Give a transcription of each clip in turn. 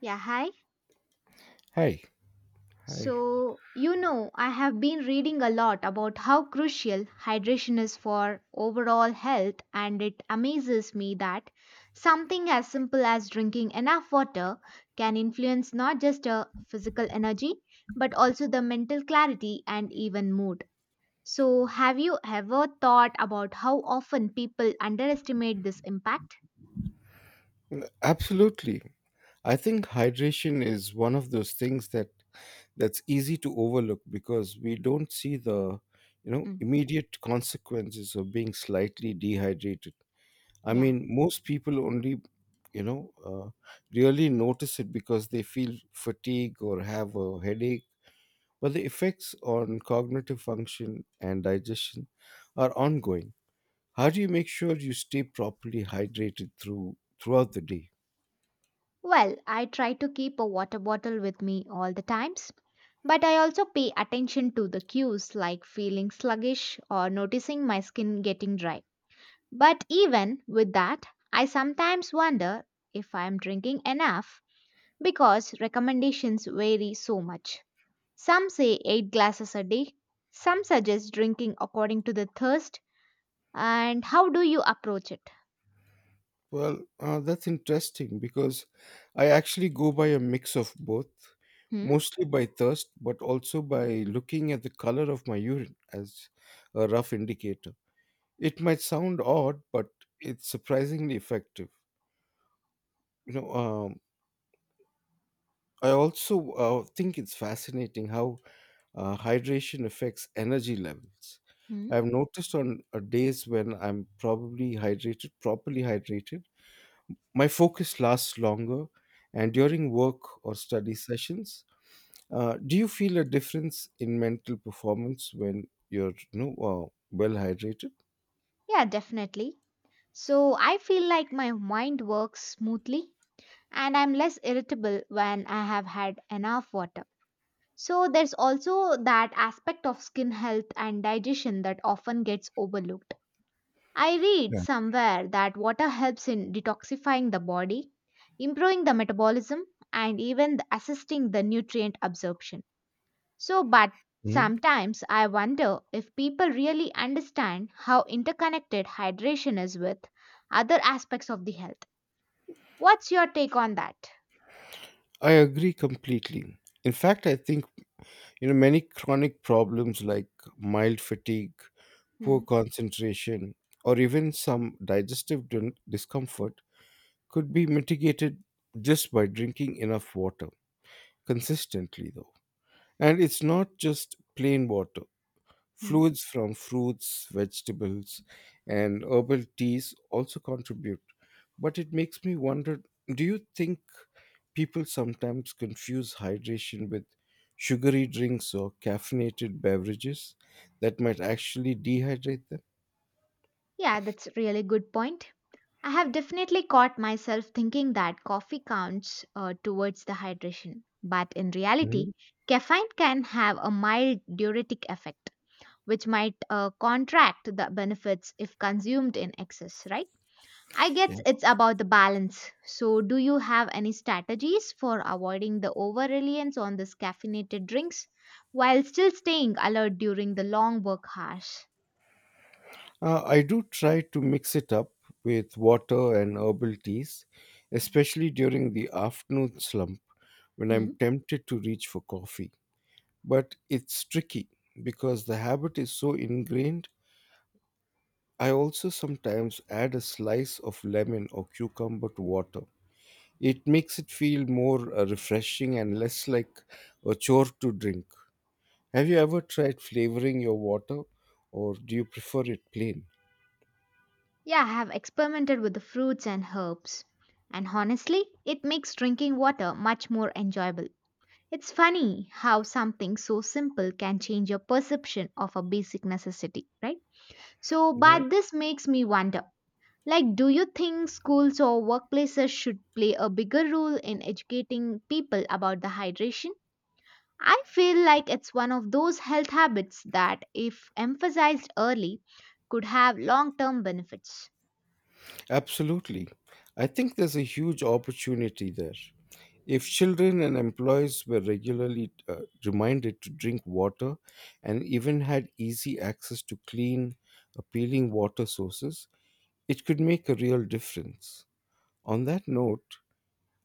Yeah, hi. Hi. Hi. So, I have been reading a lot about how crucial hydration is for overall health, and it amazes me that something as simple as drinking enough water can influence not just a physical energy but also the mental clarity and even mood. So, have you ever thought about how often people underestimate this impact? Absolutely. I think hydration is one of those things that's easy to overlook because we don't see the Mm, immediate consequences of being slightly dehydrated. I yeah. mean, most people only, you know, uh, really notice it because they feel fatigue or have a headache, but the effects on cognitive function and digestion are ongoing. How do you make sure you stay properly hydrated throughout the day? Well, I try to keep a water bottle with me all the times, but I also pay attention to the cues like feeling sluggish or noticing my skin getting dry. But even with that, I sometimes wonder if I am drinking enough because recommendations vary so much. Some say 8 glasses a day, some suggest drinking according to the thirst, and how do you approach it? Well, that's interesting because I actually go by a mix of both, Hmm? mostly by thirst, but also by looking at the color of my urine as a rough indicator. It might sound odd, but it's surprisingly effective. You know, um, I also think it's fascinating how hydration affects energy levels. Hmm? I've noticed on days when I'm properly hydrated. My focus lasts longer, and during work or study sessions, do you feel a difference in mental performance when you're well hydrated? Yeah, definitely. So I feel like my mind works smoothly and I'm less irritable when I have had enough water. So there's also that aspect of skin health and digestion that often gets overlooked. I read Yeah. somewhere that water helps in detoxifying the body, improving the metabolism, and even assisting the nutrient absorption. So, but Mhm. sometimes I wonder if people really understand how interconnected hydration is with other aspects of the health. What's your take on that? I agree completely. In fact, I think many chronic problems like mild fatigue, poor Hmm. concentration, or even some discomfort could be mitigated just by drinking enough water consistently, though. And it's not just plain water. Hmm. Fluids from fruits, vegetables, and herbal teas also contribute. But it makes me wonder, do you think people sometimes confuse hydration with sugary drinks or caffeinated beverages that might actually dehydrate them? Yeah, that's a really good point. I have definitely caught myself thinking that coffee counts towards the hydration, but in reality, Mhm. caffeine can have a mild diuretic effect, which might contract the benefits if consumed in excess, right? I Yeah. guess it's about the balance. So, do you have any strategies for avoiding the over reliance on these caffeinated drinks while still staying alert during the long work hours? I do try to mix it up with water and herbal teas, especially during the afternoon slump when I'm Hmm. tempted to reach for coffee, but it's tricky because the habit is so ingrained. I also sometimes add a slice of lemon or cucumber to water. It makes it feel more refreshing and less like a chore to drink. Have you ever tried flavoring your water or do you prefer it plain? Yeah, I have experimented with the fruits and herbs. And honestly, it makes drinking water much more enjoyable. It's funny how something so simple can change your perception of a basic necessity, right? So, Yeah. but this makes me wonder like, do you think schools or workplaces should play a bigger role in educating people about the hydration? I feel like it's one of those health habits that, if emphasized early, could have long term benefits. Absolutely. I think there's a huge opportunity there. If children and employees were regularly reminded to drink water and even had easy access to clean, appealing water sources, it could make a real difference. On that note,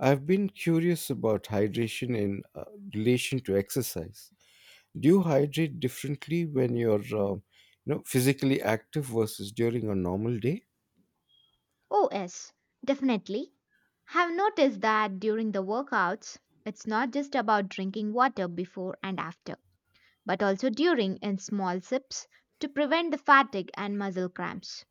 I've been curious about hydration in relation to exercise. Do you hydrate differently when you're physically active versus during a normal day? Oh, yes, definitely. Have noticed that during the workouts, it's not just about drinking water before and after, but also during in small sips to prevent the fatigue and muscle cramps.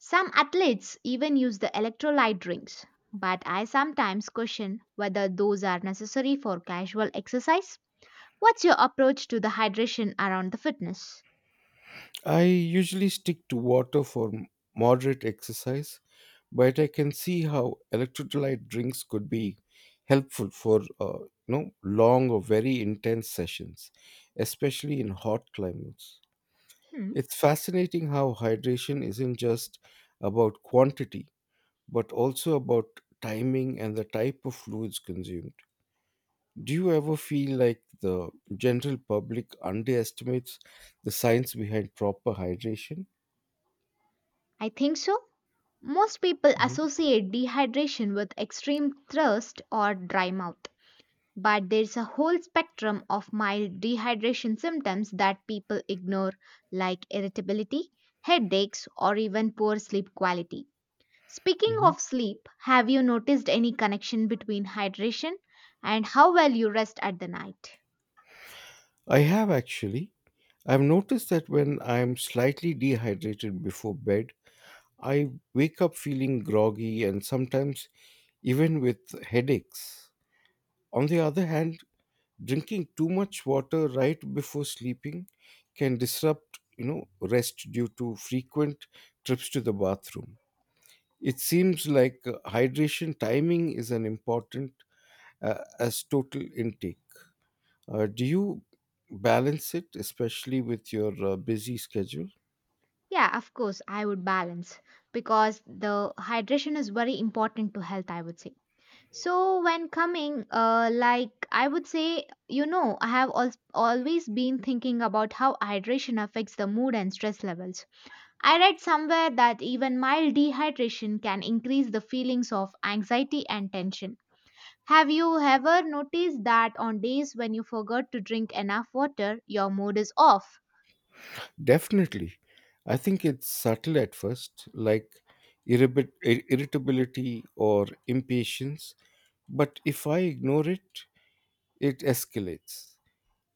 Some athletes even use the electrolyte drinks, but I sometimes question whether those are necessary for casual exercise. What's your approach to the hydration around the fitness? I usually stick to water for moderate exercise, but I can see how electrolyte drinks could be helpful for long or very intense sessions, especially in hot climates. Hmm, It's fascinating how hydration isn't just about quantity, but also about timing and the type of fluids consumed. Do you ever feel like the general public underestimates the science behind proper hydration? I think so. Most people Mhm, associate dehydration with extreme thirst or dry mouth, but there's a whole spectrum of mild dehydration symptoms that people ignore, like irritability, headaches, or even poor sleep quality. Speaking mhm. of sleep, have you noticed any connection between hydration and how well you rest at the night? I have actually. I've noticed that when I'm slightly dehydrated before bed, I wake up feeling groggy and sometimes even with headaches. On the other hand, drinking too much water right before sleeping can disrupt, you know, rest due to frequent trips to the bathroom. It seems like hydration timing is an important as total intake. Do you balance it, especially with your busy schedule? Yeah, of course, I would balance because the hydration is very important to health, I would say. So when coming, like I would say, I have always been thinking about how hydration affects the mood and stress levels. I read somewhere that even mild dehydration can increase the feelings of anxiety and tension. Have you ever noticed that on days when you forgot to drink enough water, your mood is off? Definitely. I think it's subtle at first, like irritability or impatience, but if I ignore it, it escalates.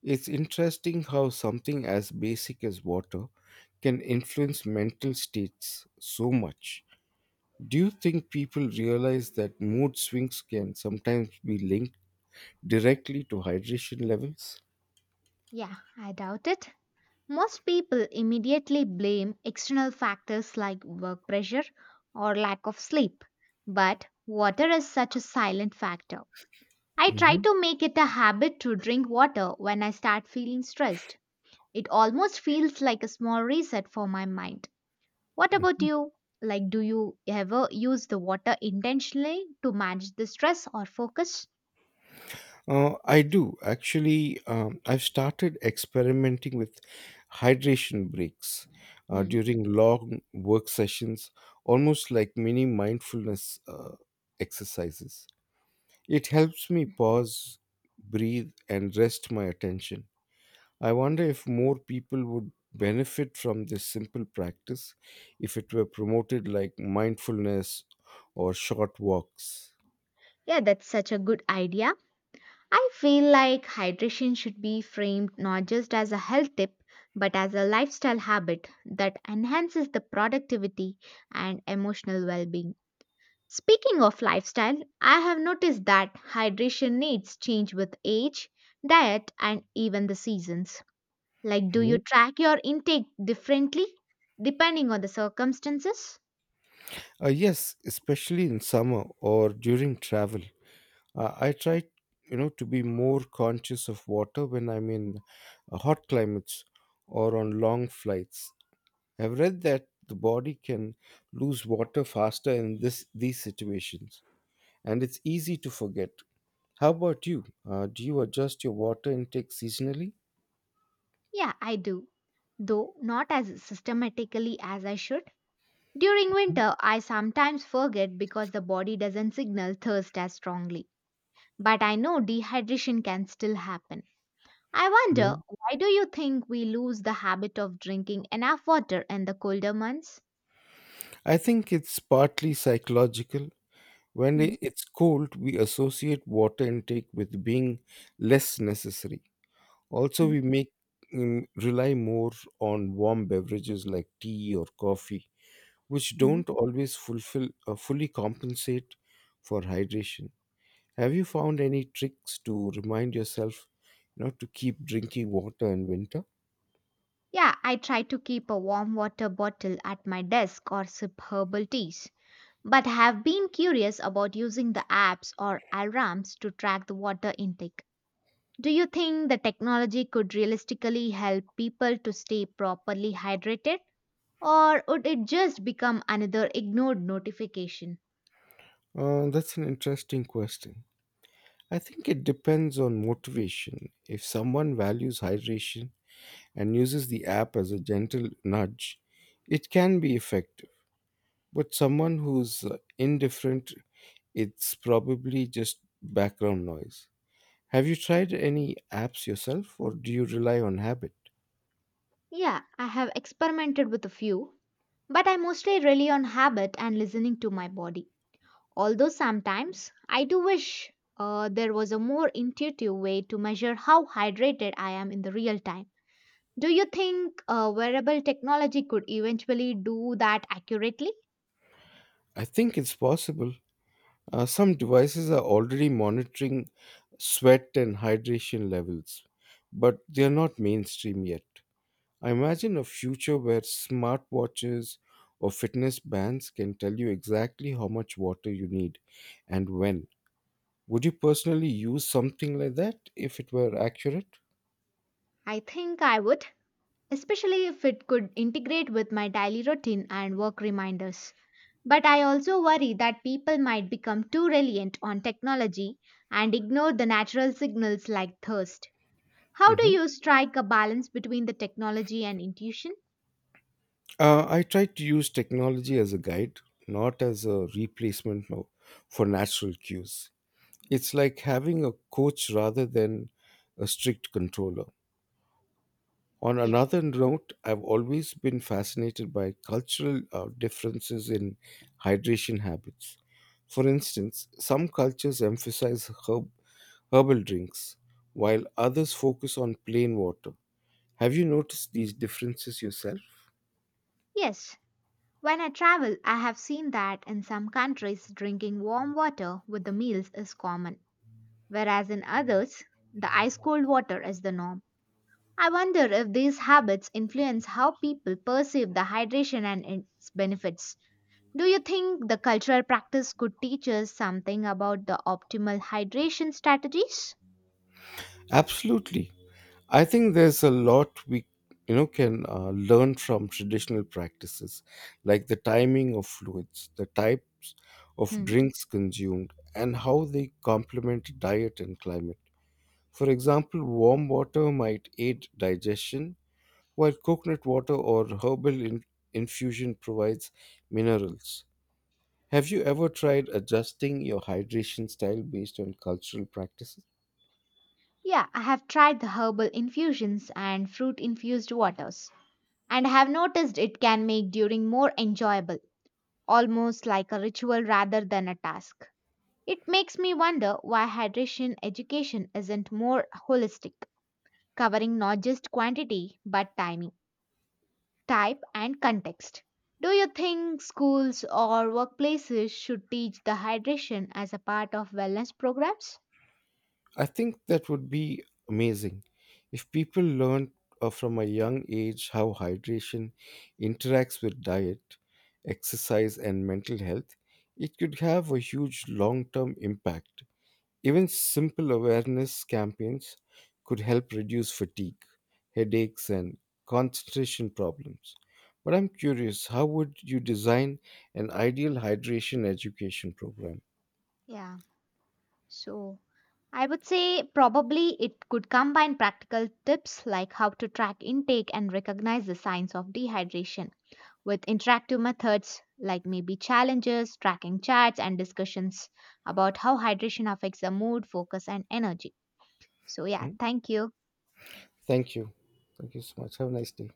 It's interesting how something as basic as water can influence mental states so much. Do you think people realize that mood swings can sometimes be linked directly to hydration levels? Yeah, I doubt it. Most people immediately blame external factors like work pressure or lack of sleep, but water is such a silent factor. I try to make it a habit to drink water when I start feeling stressed. It almost feels like a small reset for my mind. What about you? Like, do you ever use the water intentionally to manage the stress or focus? I do actually. I've started experimenting with hydration breaks Mm. during long work sessions, almost like mini mindfulness exercises. It helps me pause, breathe, and rest my attention. I wonder if more people would benefit from this simple practice if it were promoted like mindfulness or short walks. Yeah, that's such a good idea. I feel like hydration should be framed not just as a health tip, but as a lifestyle habit that enhances the productivity and emotional well being. Speaking of lifestyle, I have noticed that hydration needs change with age, diet, and even the seasons. Like, do Mm-hmm. you track your intake differently depending on the circumstances? Yes, especially in summer or during travel. I try, you know, to be more conscious of water when I'm in hot climates or on long flights. I've read that the body can lose water faster in this these situations, and it's easy to forget. How about you? Do you adjust your water intake seasonally? Yeah, I do, though not as systematically as I should. During winter, I sometimes forget because the body doesn't signal thirst as strongly. But I know dehydration can still happen. I wonder, Mhm. why do you think we lose the habit of drinking enough water in the colder months? I think it's partly psychological. When Mhm, it's cold, we associate water intake with being less necessary. Also, mhm, we make rely more on warm beverages like tea or coffee, which mhm. don't always fulfill fully compensate for hydration. Have you found any tricks to remind yourself not to keep drinking water in winter? Yeah, I try to keep a warm water bottle at my desk or sip herbal teas. But have been curious about using the apps or alarms to track the water intake. Do you think the technology could realistically help people to stay properly hydrated? Or would it just become another ignored notification? That's an interesting question. I think it depends on motivation. If someone values hydration and uses the app as a gentle nudge, it can be effective. But someone who's indifferent, it's probably just background noise. Have you tried any apps yourself, or do you rely on habit? Yeah, I have experimented with a few, but I mostly rely on habit and listening to my body. Although sometimes I do wish there was a more intuitive way to measure how hydrated I am in the real time. Do you think wearable technology could eventually do that accurately? I think it's possible. Some devices are already monitoring sweat and hydration levels, but they're not mainstream yet. I imagine a future where smartwatches or fitness bands can tell you exactly how much water you need and when. Would you personally use something like that if it were accurate? I think I would especially if it could integrate with my daily routine and work reminders. But I also worry that people might become too reliant on technology and ignore the natural signals like thirst. How do hmm you strike a balance between the technology and intuition? I try to use technology as a guide, not as a replacement for natural cues. It's like having a coach rather than a strict controller. On Yeah. another note, I've always been fascinated by cultural differences in hydration habits. For instance, some cultures emphasize herbal drinks, while others focus on plain water. Have you noticed these differences yourself? Yes. When I travel, I have seen that in some countries, drinking warm water with the meals is common, whereas in others, the ice cold water is the norm. I wonder if these habits influence how people perceive the hydration and its benefits. Do you think the cultural practice could teach us something about the optimal hydration strategies? Absolutely. I think there's a lot we can learn from traditional practices like the timing of fluids, the types of Hmm. drinks consumed, and how they complement diet and climate. For example, warm water might aid digestion while coconut water or infusion provides minerals. Have you ever tried adjusting your hydration style based on cultural practices? Yeah, I have tried the herbal infusions and fruit infused waters, and I have noticed it can make during more enjoyable, almost like a ritual rather than a task. It makes me wonder why hydration education isn't more holistic, covering not just quantity but timing. Type, and context. Do you think schools or workplaces should teach the hydration as a part of wellness programs? I think that would be amazing. If people learned from a young age how hydration interacts with diet, exercise, and mental health, it could have a huge long term impact. Even simple awareness campaigns could help reduce fatigue, headaches, and concentration problems. But I'm curious, how would you design an ideal hydration education program? Yeah, so I would say probably it could combine practical tips like how to track intake and recognize the signs of dehydration with interactive methods like maybe challenges, tracking charts, and discussions about how hydration affects the mood, focus, and energy. So, yeah, Hmm? thank you. Thank you. Thank you so much. Have a nice day.